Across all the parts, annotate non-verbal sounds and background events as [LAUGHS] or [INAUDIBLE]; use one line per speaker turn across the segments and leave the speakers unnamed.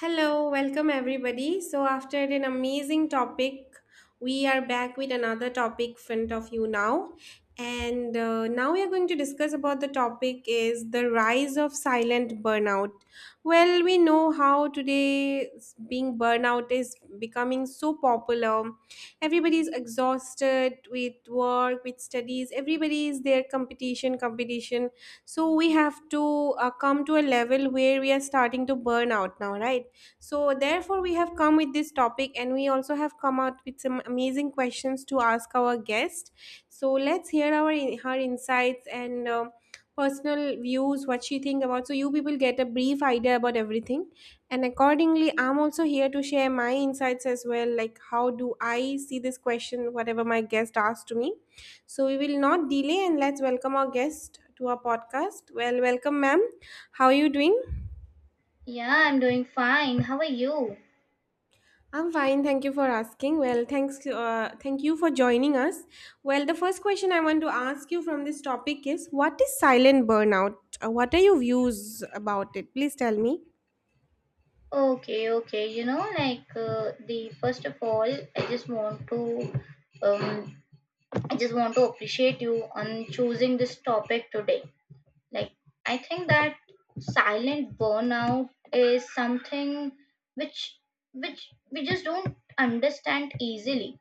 Hello, welcome everybody. So, after an amazing topic, we are back with another topic front of you now. And now we are going to discuss about the topic is the rise of silent burnout. Well, we know how today being burnout is becoming so popular. Everybody is exhausted with work, with studies. Everybody is there competition, competition. So we have to come to a level where we are starting to burn out now, right? So, therefore, we have come with this topic and we also have come out with some amazing questions to ask our guest. So, let's hear our her insights and personal views, what she think about. So, you people get a brief idea about everything. And accordingly, I'm also here to share my insights as well, like how do I see this question, whatever my guest asked to me. So, we will not delay and let's welcome our guest to our podcast. Well, welcome, ma'am. How are you doing?
Yeah, I'm doing fine. How are you?
I'm fine, thank you for asking. Well, thanks, thank you for joining us. Well, the first question I want to ask you from this topic is what is silent burnout? What are your views about it? Please tell me.
Okay, okay. You know, the first of all, I just want to, um, I just want to appreciate you on choosing this topic today. Like, I think that silent burnout is something which which we just don't understand easily.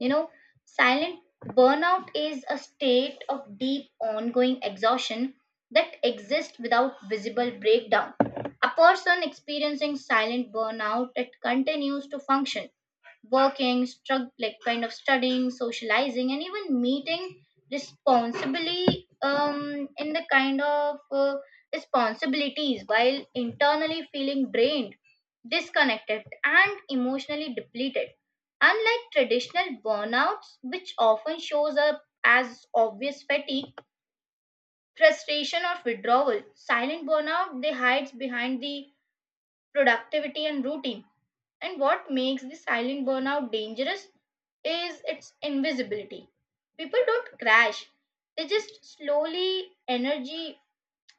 You know, silent burnout is a state of deep ongoing exhaustion that exists without visible breakdown. A person experiencing silent burnout that continues to function working, like kind of studying, socializing, and even meeting responsibly in the kind of responsibilities while internally feeling drained, disconnected, and emotionally depleted. Unlike traditional burnouts, which often shows up as obvious fatigue, frustration, or withdrawal, silent burnout they hides behind the productivity and routine, and what makes the silent burnout dangerous is its invisibility. People don't crash, they just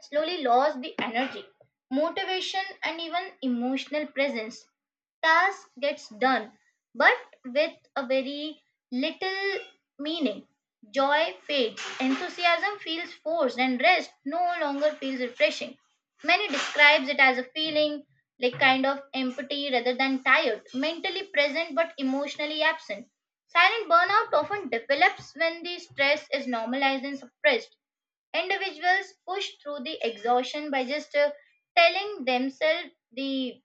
slowly lost the energy, motivation, and even emotional presence. Task gets done, but with a very little meaning. Joy fades, enthusiasm feels forced, and rest no longer feels refreshing. Many describes it as a feeling like kind of empty rather than tired, mentally present but emotionally absent. Silent burnout often develops when the stress is normalized and suppressed. Individuals push through the exhaustion by just telling themselves the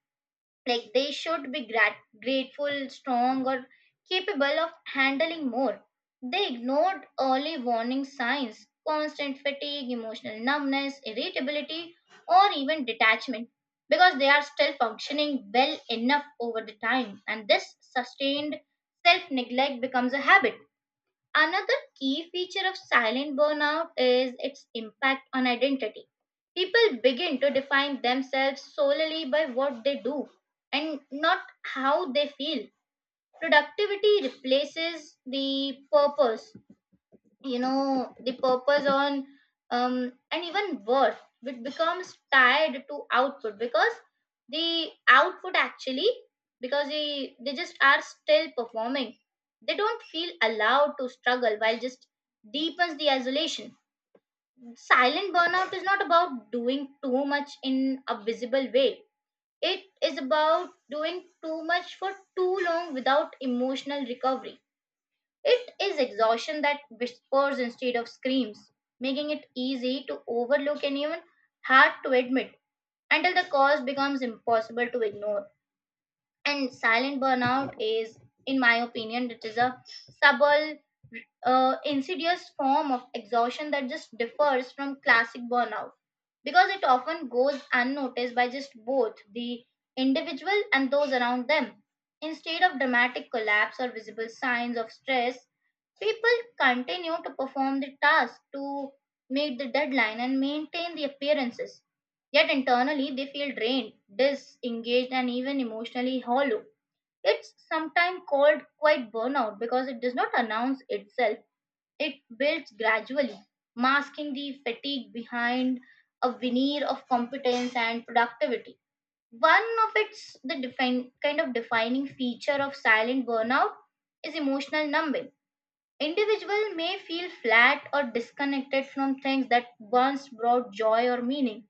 like they should be grateful, strong, or capable of handling more. They ignored early warning signs: constant fatigue, emotional numbness, irritability, or even detachment, because they are still functioning well enough over the time, and this sustained self neglect becomes a habit. Another key feature of silent burnout is its impact on identity. People begin to define themselves solely by what they do and not how they feel. Productivity replaces the purpose, you know the purpose on, and even worse, it becomes tied to output because the output actually, because they just are still performing, they don't feel allowed to struggle, while just deepens the isolation. Silent burnout is not about doing too much in a visible way, it is about doing too much for too long without emotional recovery. It is exhaustion that whispers instead of screams, making it easy to overlook and even hard to admit until the cause becomes impossible to ignore. And silent burnout is, in my opinion, it is a subtle, insidious form of exhaustion that just differs from classic burnout because it often goes unnoticed by just both the individual and those around them. Instead of dramatic collapse or visible signs of stress, people continue to perform the task, to meet the deadline, and maintain the appearances. Yet internally, they feel drained, disengaged, and even emotionally hollow. It's sometimes called quite burnout because it does not announce itself. It builds gradually, masking the fatigue behind a veneer of competence and productivity. One of its kind of defining feature of silent burnout is emotional numbing. Individual may feel flat or disconnected from things that once brought joy or meaning.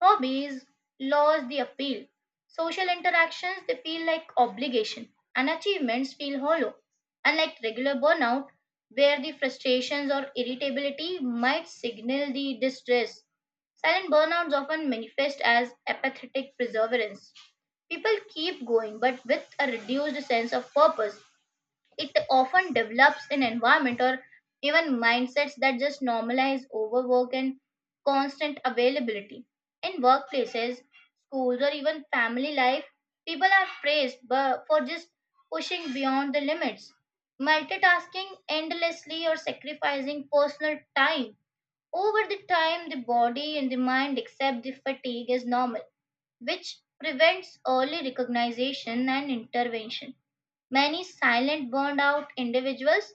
Hobbies lose the appeal. Social interactions they feel like obligation, and achievements feel hollow. Unlike regular burnout, where the frustrations or irritability might signal the distress. Silent burnouts often manifest as apathetic perseverance. People keep going but with a reduced sense of purpose. It often develops in environment or even mindsets that just normalize overwork and constant availability. In workplaces, schools, or even family life, people are praised for just pushing beyond the limits, multitasking endlessly, or sacrificing personal time. Over the time, the body and the mind accept the fatigue as normal, which prevents early recognition and intervention. Many silent burned out individuals,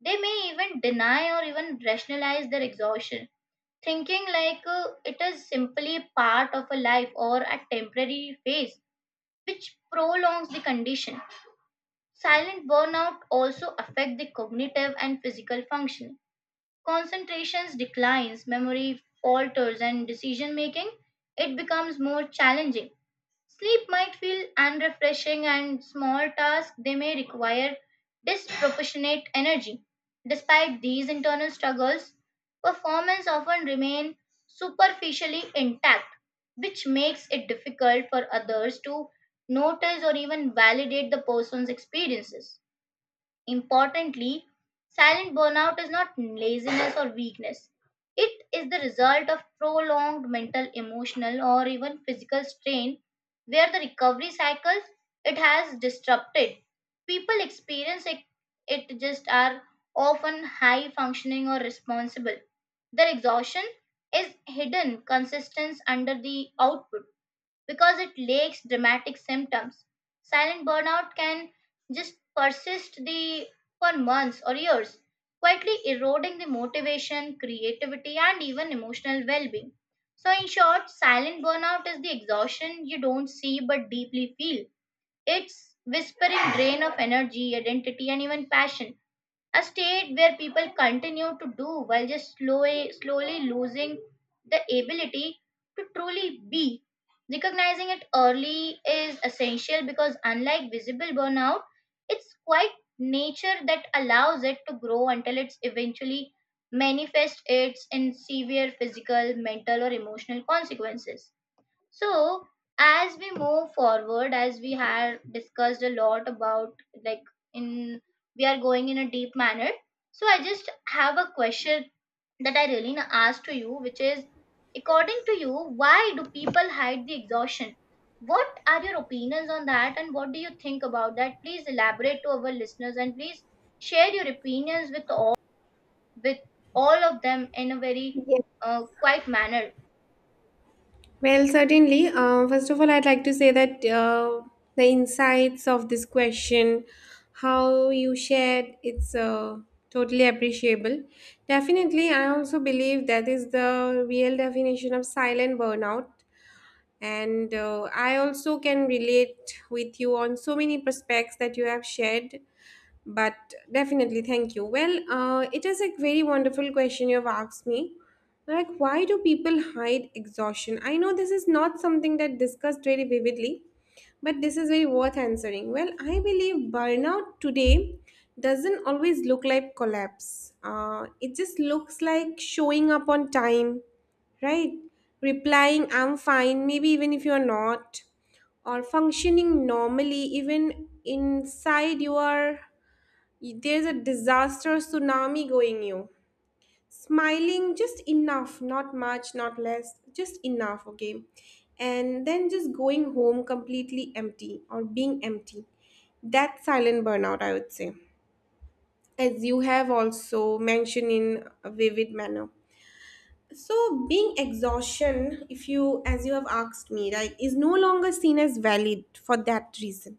they may even deny or even rationalize their exhaustion, thinking it is simply part of a life or a temporary phase, which prolongs the condition. Silent burnout also affect the cognitive and physical functioning. Concentrations declines, memory falters, and decision making, it becomes more challenging. Sleep might feel unrefreshing, and small tasks they may require disproportionate energy. Despite these internal struggles, performance often remain superficially intact, which makes it difficult for others to notice or even validate the person's experiences. Importantly, silent burnout is not laziness or weakness. It is the result of prolonged mental, emotional, or even physical strain where the recovery cycles, it has disrupted. People experience it, it just are often high functioning or responsible. Their exhaustion is hidden consistence under the output because it lacks dramatic symptoms. Silent burnout can just persist the for months or years, quietly eroding the motivation, creativity, and even emotional well-being. So, in short, silent burnout is the exhaustion you don't see but deeply feel. It's whispering drain of energy, identity, and even passion, a state where people continue to do while just slowly, slowly losing the ability to truly be. Recognizing it early is essential because, unlike visible burnout, it's quite nature that allows it to grow until it's eventually manifests its in severe physical, mental, or emotional consequences. So, as we move forward, as we have discussed a lot about, like, in, we are going in a deep manner. So, I just have a question that I really asked to you, which is, according to you, why do people hide the exhaustion? What are your opinions on that, and what do you think about that? Please elaborate to our listeners, and please share your opinions with with all of them in a very
Yes.
quiet manner.
Well, certainly. First of all, I'd like to say that the insights of this question, how you shared, it's totally appreciable. Definitely, I also believe that is the real definition of silent burnout and I also can relate with you on so many prospects that you have shared, but definitely, thank you. Well, it is a very wonderful question you've asked me. Like, why do people hide exhaustion? I know this is not something that discussed very vividly, but this is very worth answering. Well, I believe burnout today doesn't always look like collapse. It just looks like showing up on time, right? Replying, I'm fine, maybe even if you're not, or functioning normally, even inside you are there's a disaster tsunami going you. Smiling just enough, not much, not less, just enough, okay? And then just going home completely empty or being empty. That's silent burnout, I would say, as you have also mentioned in a vivid manner. So being exhaustion, if you as you have asked me, right, is no longer seen as valid. For that reason,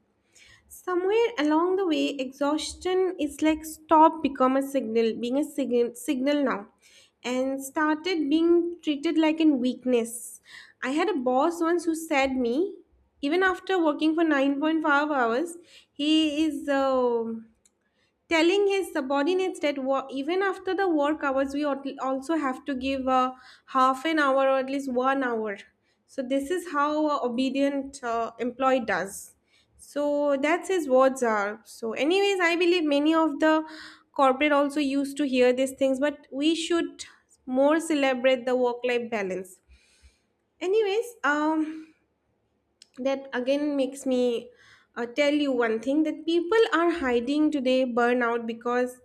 somewhere along the way exhaustion is like stop become a signal, being a signal now, and started being treated like a weakness. I had a boss once who said me even after working for 9.5 hours, he is telling his subordinates that even after the work hours we also have to give half an hour or at least 1 hour. So this is how a obedient employee does. So that's his words are. So anyways, I believe many of the corporate also used to hear these things, but we should more celebrate the work life balance. Anyways, that again makes me tell you one thing that people are hiding today burnout because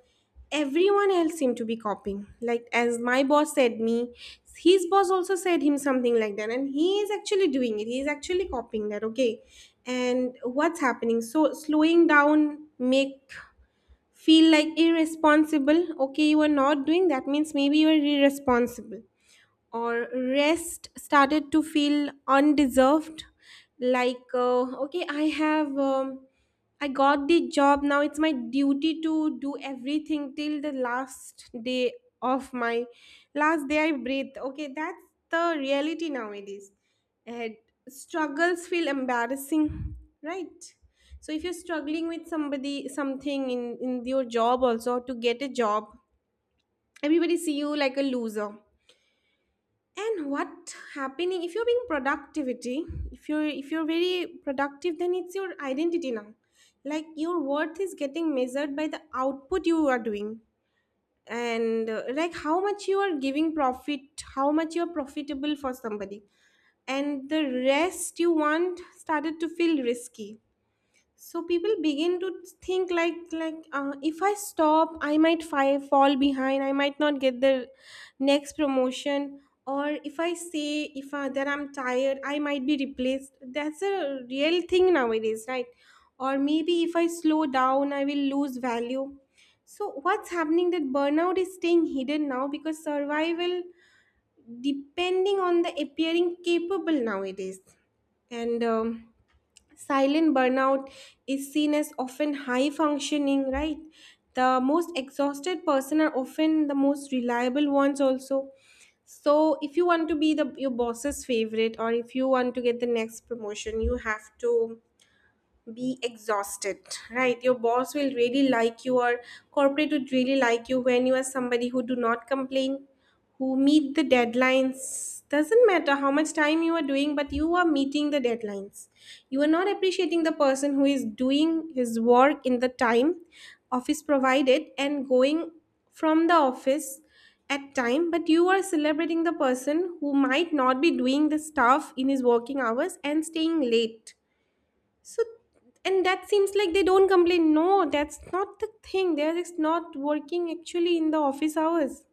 everyone else seemed to be copying, like as my boss said me, his boss also said him something like that, and he is actually doing it, he is actually copying that, okay? And what's happening, so slowing down make feel like irresponsible. Okay, you are not doing that, means maybe you are irresponsible, or rest started to feel undeserved. Like okay, I have I got the job, now it's my duty to do everything till the last day of my last day I breathe. Okay, that's the reality nowadays. And struggles feel embarrassing, right? So if you're struggling with somebody something in your job, also to get a job, everybody see you like a loser. And what happening if you're being productivity, if you're very productive, then it's your identity now. Like your worth is getting measured by the output you are doing, and like how much you are giving profit, how much you're profitable for somebody. And the rest you want started to feel risky. So people begin to think like if I stop I might fall behind, I might not get the next promotion. Or if I say if I, that I'm tired I might be replaced. That's a real thing nowadays, right? Or maybe if I slow down I will lose value. So what's happening, that burnout is staying hidden now because survival depending on the appearing capable nowadays. And silent burnout is seen as often high functioning, right? The most exhausted person are often the most reliable ones also. So if you want to be the your boss's favorite, or if you want to get the next promotion, you have to be exhausted, right? Your boss will really like you, or corporate would really like you when you are somebody who do not complain, who meet the deadlines. Doesn't matter how much time you are doing, but you are meeting the deadlines. You are not appreciating the person who is doing his work in the time office provided and going from the office at time, but you are celebrating the person who might not be doing the stuff in his working hours and staying late. So, and that seems like they don't complain. No, that's not the thing. They're just not working actually in the office hours.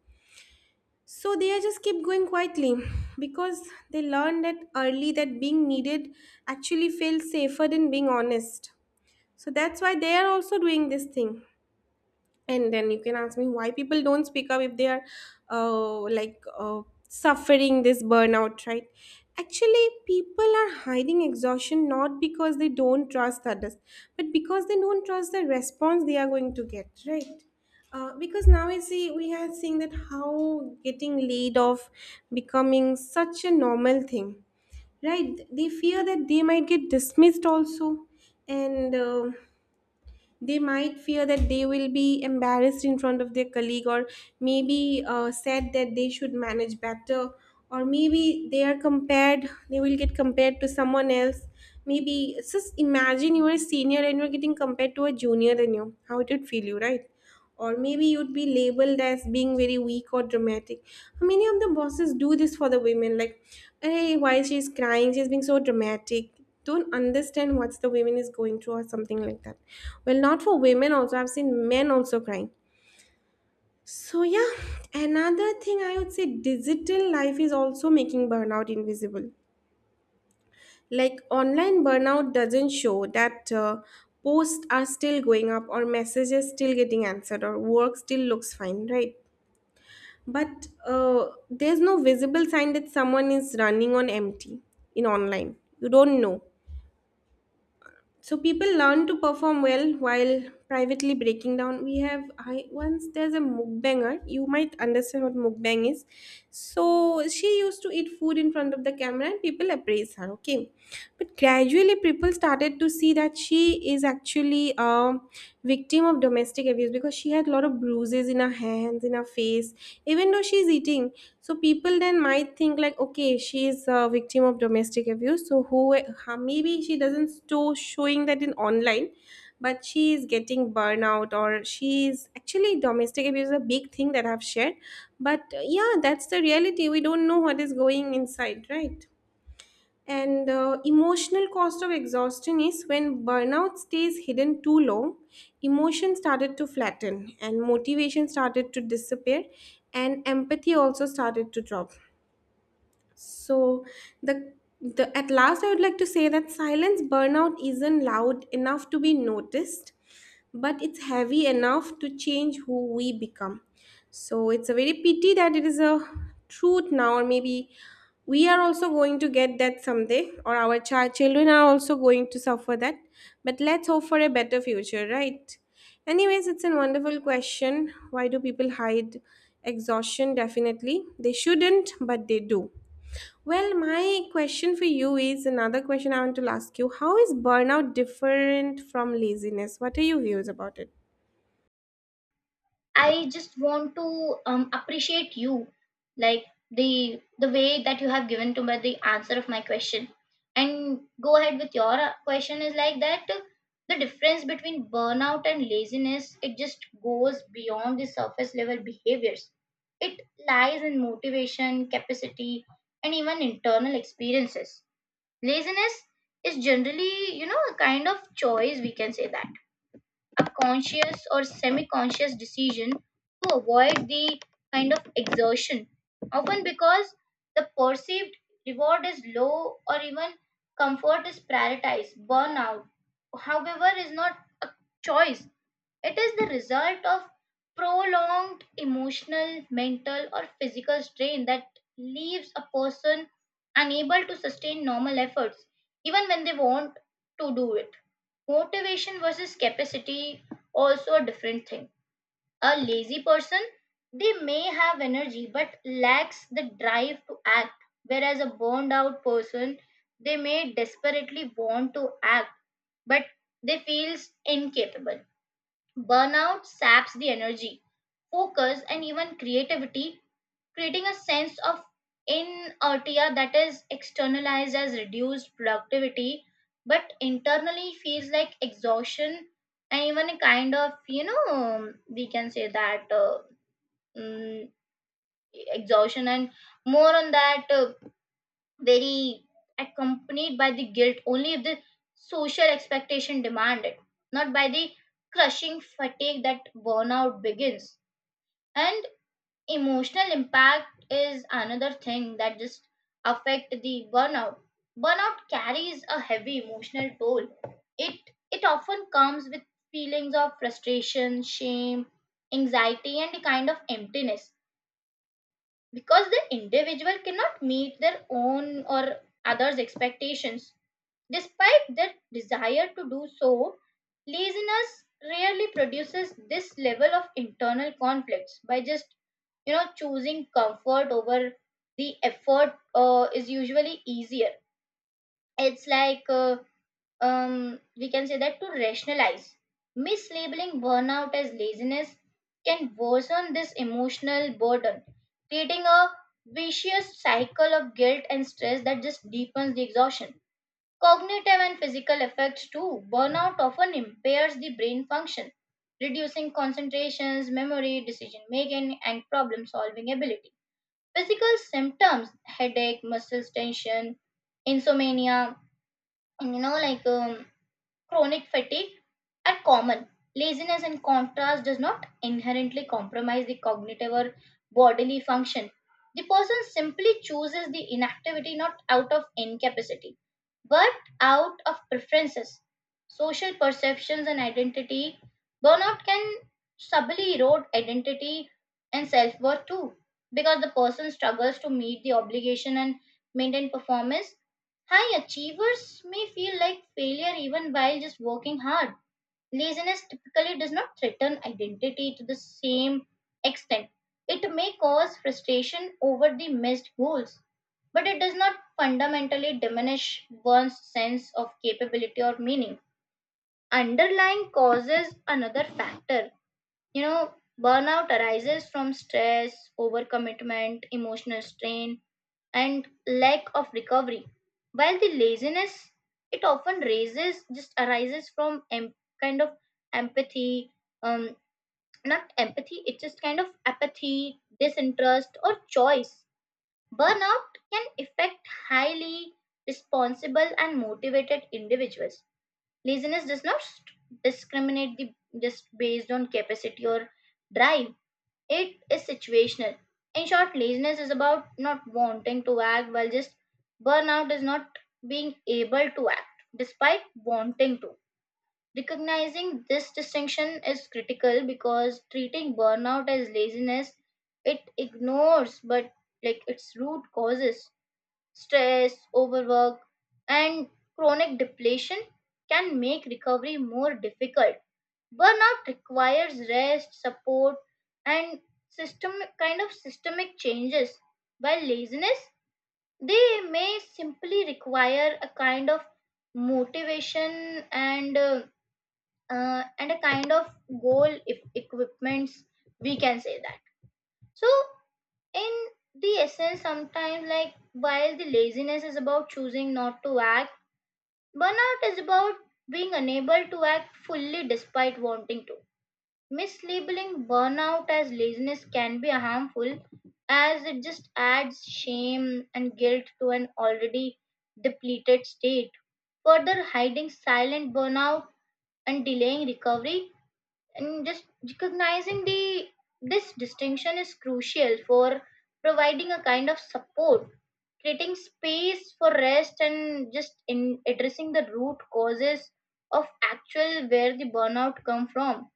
So they are just keep going quietly because they learned that early that being needed actually feels safer than being honest. So that's why they are also doing this thing. And then you can ask me, why people don't speak up if they are uh, like uh, suffering this burnout, right? Actually people are hiding exhaustion not because they don't trust others, but because they don't trust the response they are going to get, right? Because now I see we are seeing that how getting laid off becoming such a normal thing, right? They fear that they might get dismissed also. And they might fear that they will be embarrassed in front of their colleague, or maybe said that they should manage better, or maybe they are compared, they will get compared to someone else. Maybe just imagine you are a senior and you're getting compared to a junior than you, how it would feel you, right? Or maybe you'd be labeled as being very weak or dramatic. Many of the bosses do this for the women, like, hey, why she's crying, she's being so dramatic, don't understand what's the women is going through or something like that. Well, not for women, also I've seen men also crying. So yeah, another thing I would say, digital life is also making burnout invisible. Like online burnout doesn't show that posts are still going up, or messages still getting answered, or work still looks fine, right? But there's no visible sign that someone is running on empty in online. You don't know. So people learn to perform well while privately breaking down. We have I once there's a mukbanger. You might understand what mukbang is. So she used to eat food in front of the camera and people appraise her. Okay, but gradually people started to see that she is actually victim of domestic abuse, because she had a lot of bruises in her hands, in her face, even though she's eating. So people then might think like, okay, she is a victim of domestic abuse, so who maybe she doesn't store showing that in online, but she is getting burnout, or she is actually, domestic abuse is a big thing that I've shared. But yeah, that's the reality, we don't know what is going inside, right? And emotional cost of exhaustion is, when burnout stays hidden too long, emotion started to flatten and motivation started to disappear, and empathy also started to drop. So the the at last I would like to say that silence burnout isn't loud enough to be noticed, but it's heavy enough to change who we become. So it's a very pity that it is a truth now, or maybe we are also going to get that someday, or our child children are also going to suffer that. But let's hope for a better future, right? Anyways, it's a wonderful question. Why do people hide exhaustion? Definitely, they shouldn't, but they do. Well, my question for you is another question I want to ask you. How is burnout different from laziness? What are your views about it?
I just want to appreciate you, like the way that you have given to me the answer of my question. And go ahead with your question is like that. The difference between burnout and laziness, it just goes beyond the surface level behaviors. It lies in motivation, capacity, and even internal experiences. Laziness is generally, you know, a kind of choice, we can say that, a conscious or semi-conscious decision to avoid the kind of exertion, often because the perceived reward is low or even comfort is prioritized. Burnout, however, is not a choice. It is the result of prolonged emotional, mental, or physical strain that leaves a person unable to sustain normal efforts, even when they want to do it. Motivation versus capacity, also a different thing. A lazy person, they may have energy but lacks the drive to act, whereas a burned out person, they may desperately want to act but they feels incapable. Burnout saps the energy, focus, and even creativity, creating a sense of inertia that is externalized as reduced productivity, but internally feels like exhaustion and even a kind of, you know, we can say that mm, exhaustion, and more on that. Very accompanied by the guilt only if the social expectation demand it, not by the crushing fatigue that burnout begins. And emotional impact is another thing that just affect the burnout. Burnout carries a heavy emotional toll. It it often comes with feelings of frustration, shame, anxiety, and a kind of emptiness because the individual cannot meet their own or others' expectations. Despite their desire to do so, laziness rarely produces this level of internal conflicts by just, you know, choosing comfort over the effort, is usually easier. It's like We can say that to rationalize mislabeling burnout as laziness can worsen this emotional burden, creating a vicious cycle of guilt and stress that just deepens the exhaustion. Cognitive and physical effects too. Burnout often impairs the brain function, reducing concentrations, memory, decision making, and problem solving ability. Physical symptoms, headache, muscles tension, insomnia, you know, chronic fatigue, are common. Laziness, in contrast, does not inherently compromise the cognitive or bodily function. The person simply chooses the inactivity not out of incapacity, but out of preferences, social perceptions, and identity. Burnout can subtly erode identity and self worth too, because the person struggles to meet the obligation and maintain performance. High achievers may feel like failure even while just working hard. Laziness typically does not threaten identity to the same extent. It may cause frustration over the missed goals, but it does not fundamentally diminish one's sense of capability or meaning. Underlying causes, another factor. You know, burnout arises from stress, overcommitment, emotional strain, and lack of recovery, while the laziness, it often raises just arises from em- kind of empathy um not empathy, it's just kind of apathy, disinterest, or choice. Burnout can affect highly responsible and motivated individuals. Laziness does not discriminate the just based on capacity or drive, it is situational. In short, laziness is about not wanting to act, while just burnout is not being able to act despite wanting to. Recognizing this distinction is critical because treating burnout as laziness, it ignores but like its root causes. Stress, overwork, and chronic depletion can make recovery more difficult. Burnout requires rest, support, and system kind of systemic changes. While laziness, they may simply require a kind of motivation and uh, and a kind of goal if equipments. We can say that. So in the essence sometimes, like while the laziness is about choosing not to act, burnout is about being unable to act fully despite wanting to. Mislabeling burnout as laziness can be harmful as it just adds shame and guilt to an already depleted state, further hiding silent burnout and delaying recovery. And just recognizing the this distinction is crucial for providing a kind of support, creating space for rest, and just in addressing the root causes of actual where the burnout come from.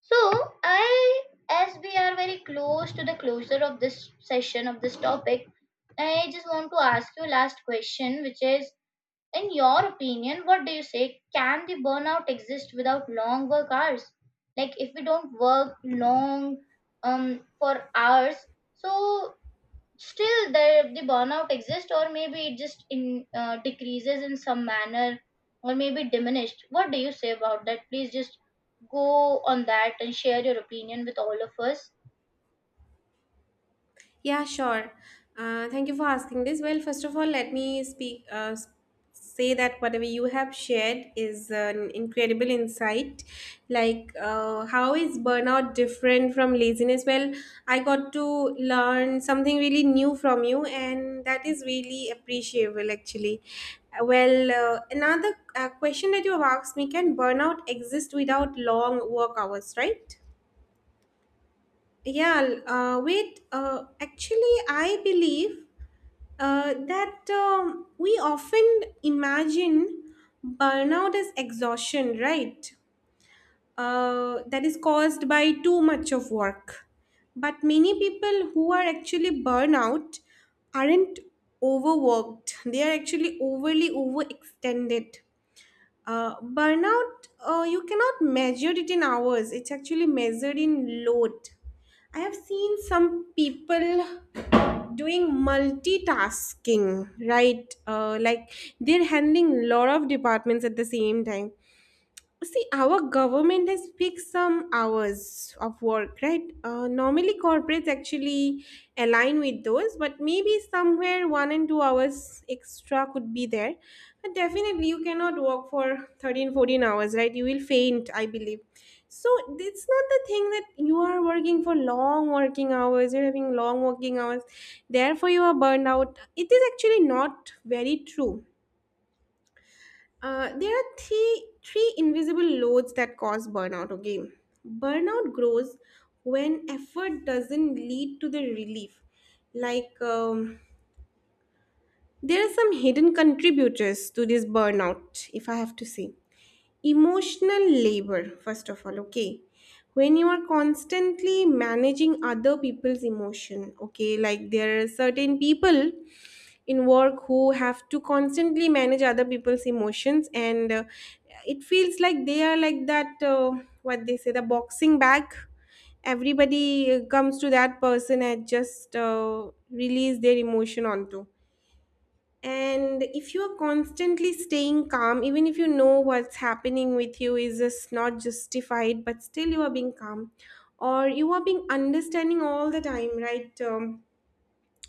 So I, as we are very close to the closure of this session of this topic, I just want to ask you last question, which is, in your opinion, what do you say? Can the burnout exist without long work hours? Like if we don't work long for hours, so still the burnout exists, or maybe it just in decreases in some manner, or maybe diminished. What do you say about that? Please just go on that and share your opinion with all of us.
Yeah, sure. Thank you for asking this. Well, first of all, let me speak. Say that whatever you have shared is an incredible insight. Like, how is burnout different from laziness? Well, I got to learn something really new from you, and that is really appreciable, actually. Well, another question that you have asked me: can burnout exist without long work hours, right? Yeah, l- wait. Actually, I believe that we often imagine burnout as exhaustion, right? That is caused by too much of work. But many people who are actually burnout aren't overworked, they are actually overly overextended. Burnout, you cannot measure it in hours. It's actually measured in load. I have seen some people doing multitasking, right? Like they're handling lot of departments at the same time. See, our government has fixed some hours of work, right? Normally, corporates actually align with those, but maybe somewhere 1 and 2 hours extra could be there. But definitely, you cannot work for 13, 14 hours, right? You will faint, I believe. So, it's not the thing that you are working for long working hours, you're having long working hours, therefore, you are burned out. It is actually not very true. Uh, there are three invisible loads that cause burnout. Okay, burnout grows when effort doesn't lead to the relief. Like um, there are some hidden contributors to this burnout, if I have to say. Emotional labor, first of all. Okay, when you are constantly managing other people's emotion. Okay, like there are certain people in work who have to constantly manage other people's emotions, and it feels like they are like that, what they say, the boxing bag. Everybody comes to that person and just release their emotion onto, and if you are constantly staying calm even if you know what's happening with you is just not justified, but still you are being calm, or you are being understanding all the time, right?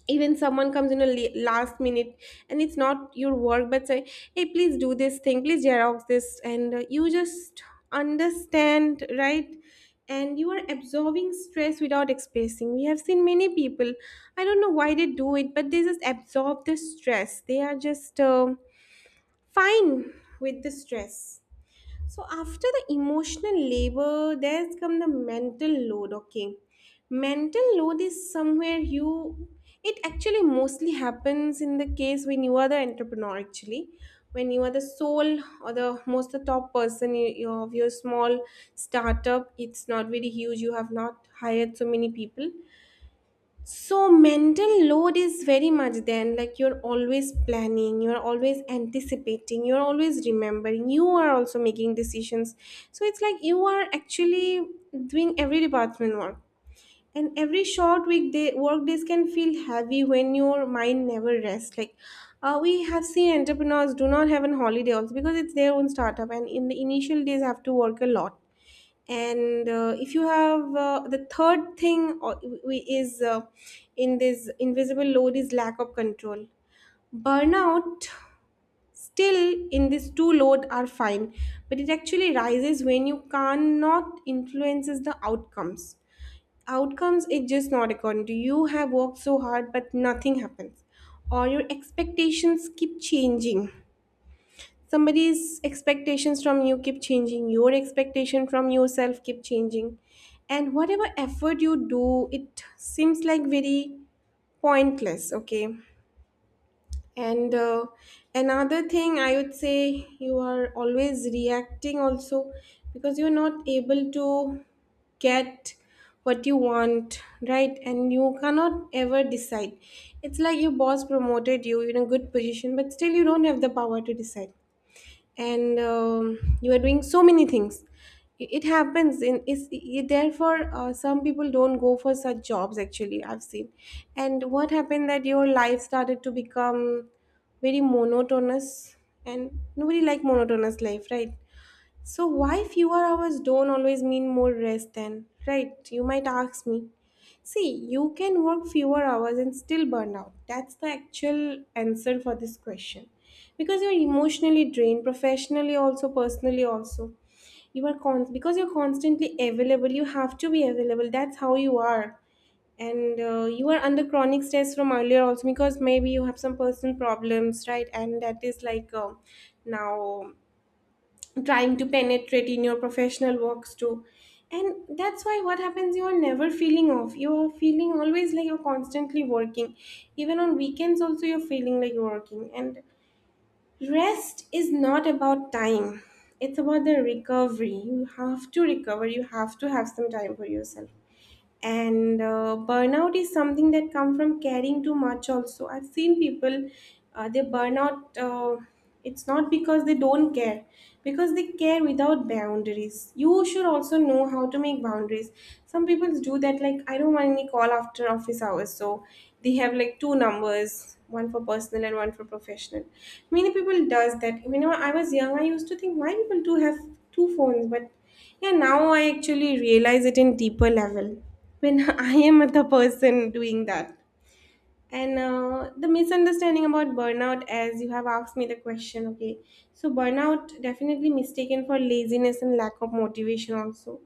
Even someone comes in a last minute, and it's not your work, but say, hey, please do this thing, please xerox this, and you just understand, right? And you are absorbing stress without expressing. We have seen many people, I don't know why they do it, but they just absorb the stress. They are just fine with the stress. So after the emotional labor, there's come the mental load, okay? Mental load is somewhere you, it actually mostly happens in the case when you are the entrepreneur, actually, when you are the sole or the most, the top person, you of your small startup. It's not very huge, you have not hired so many people. So mental load is very much then, like you're always planning, you're always anticipating, you're always remembering, you are also making decisions. So it's like you are actually doing every department work. And every short weekday, work days can feel heavy when your mind never rests. Like we have seen entrepreneurs do not have an holiday also, because it's their own startup and in the initial days have to work a lot. And if you have the third thing, we- is in this invisible load is lack of control. Burnout, still in this two load are fine, but it actually rises when you cannot influences the outcomes. Outcomes is just not according to you. You have worked so hard but nothing happens, or your expectations keep changing, somebody's expectations from you keep changing, your expectation from yourself keep changing, and whatever effort you do, it seems like very pointless, okay? And another thing I would say, you are always reacting also, because you're not able to get what you want, right? And you cannot ever decide. It's like your boss promoted you in a good position but still you don't have the power to decide. And you are doing so many things. It happens in, therefore some people don't go for such jobs, actually, I've seen. And what happened, that your life started to become very monotonous, and nobody like monotonous life, right? So, why fewer hours don't always mean more rest then? Right, you might ask me. See, you can work fewer hours and still burn out. That's the actual answer for this question. Because you're emotionally drained, professionally also, personally also. You are because you're constantly available, you have to be available. That's how you are. And you are under chronic stress from earlier also, because maybe you have some personal problems, right? And that is like now trying to penetrate in your professional works too. And that's why what happens, you are never feeling off, you are feeling always like you're constantly working, even on weekends also you're feeling like you're working. And rest is not about time, it's about the recovery. You have to recover, you have to have some time for yourself. And burnout is something that come from caring too much also. I've seen people, they burn out. It's not because they don't care, because they care without boundaries. You should also know how to make boundaries. Some people do that, like, I don't want any call after office hours, so they have like two numbers, one for personal and one for professional. Many people does that, you know. I was young, I used to think why people do have two phones, but yeah, now I actually realize it in deeper level when [LAUGHS] I am the person doing that. And the misunderstanding about burnout, as you have asked me the question, okay. So burnout definitely mistaken for laziness and lack of motivation also.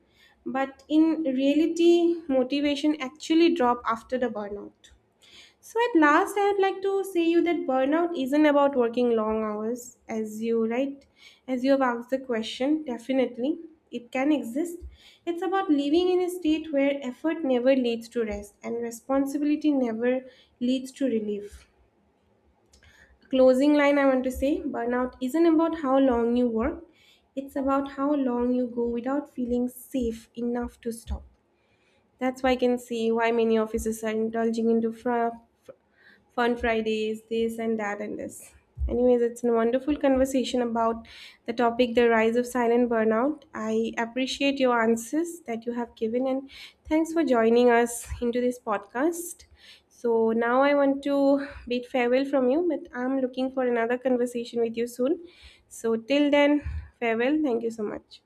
But in reality, motivation actually drop after the burnout. So, at last, I would like to say you that burnout isn't about working long hours, as you right, as you have asked the question. Definitely, it can exist. It's about living in a state where effort never leads to rest and responsibility never leads to relief. Closing line, I want to say, burnout isn't about how long you work, it's about how long you go without feeling safe enough to stop. That's why I can see why many officers are indulging into fun Fridays, this and that and this. Anyways, it's a wonderful conversation about the topic, the rise of silent burnout. I appreciate your answers that you have given, and thanks for joining us into this podcast. So now I want to bid farewell from you, but I'm looking for another conversation with you soon. So till then, farewell. Thank you so much.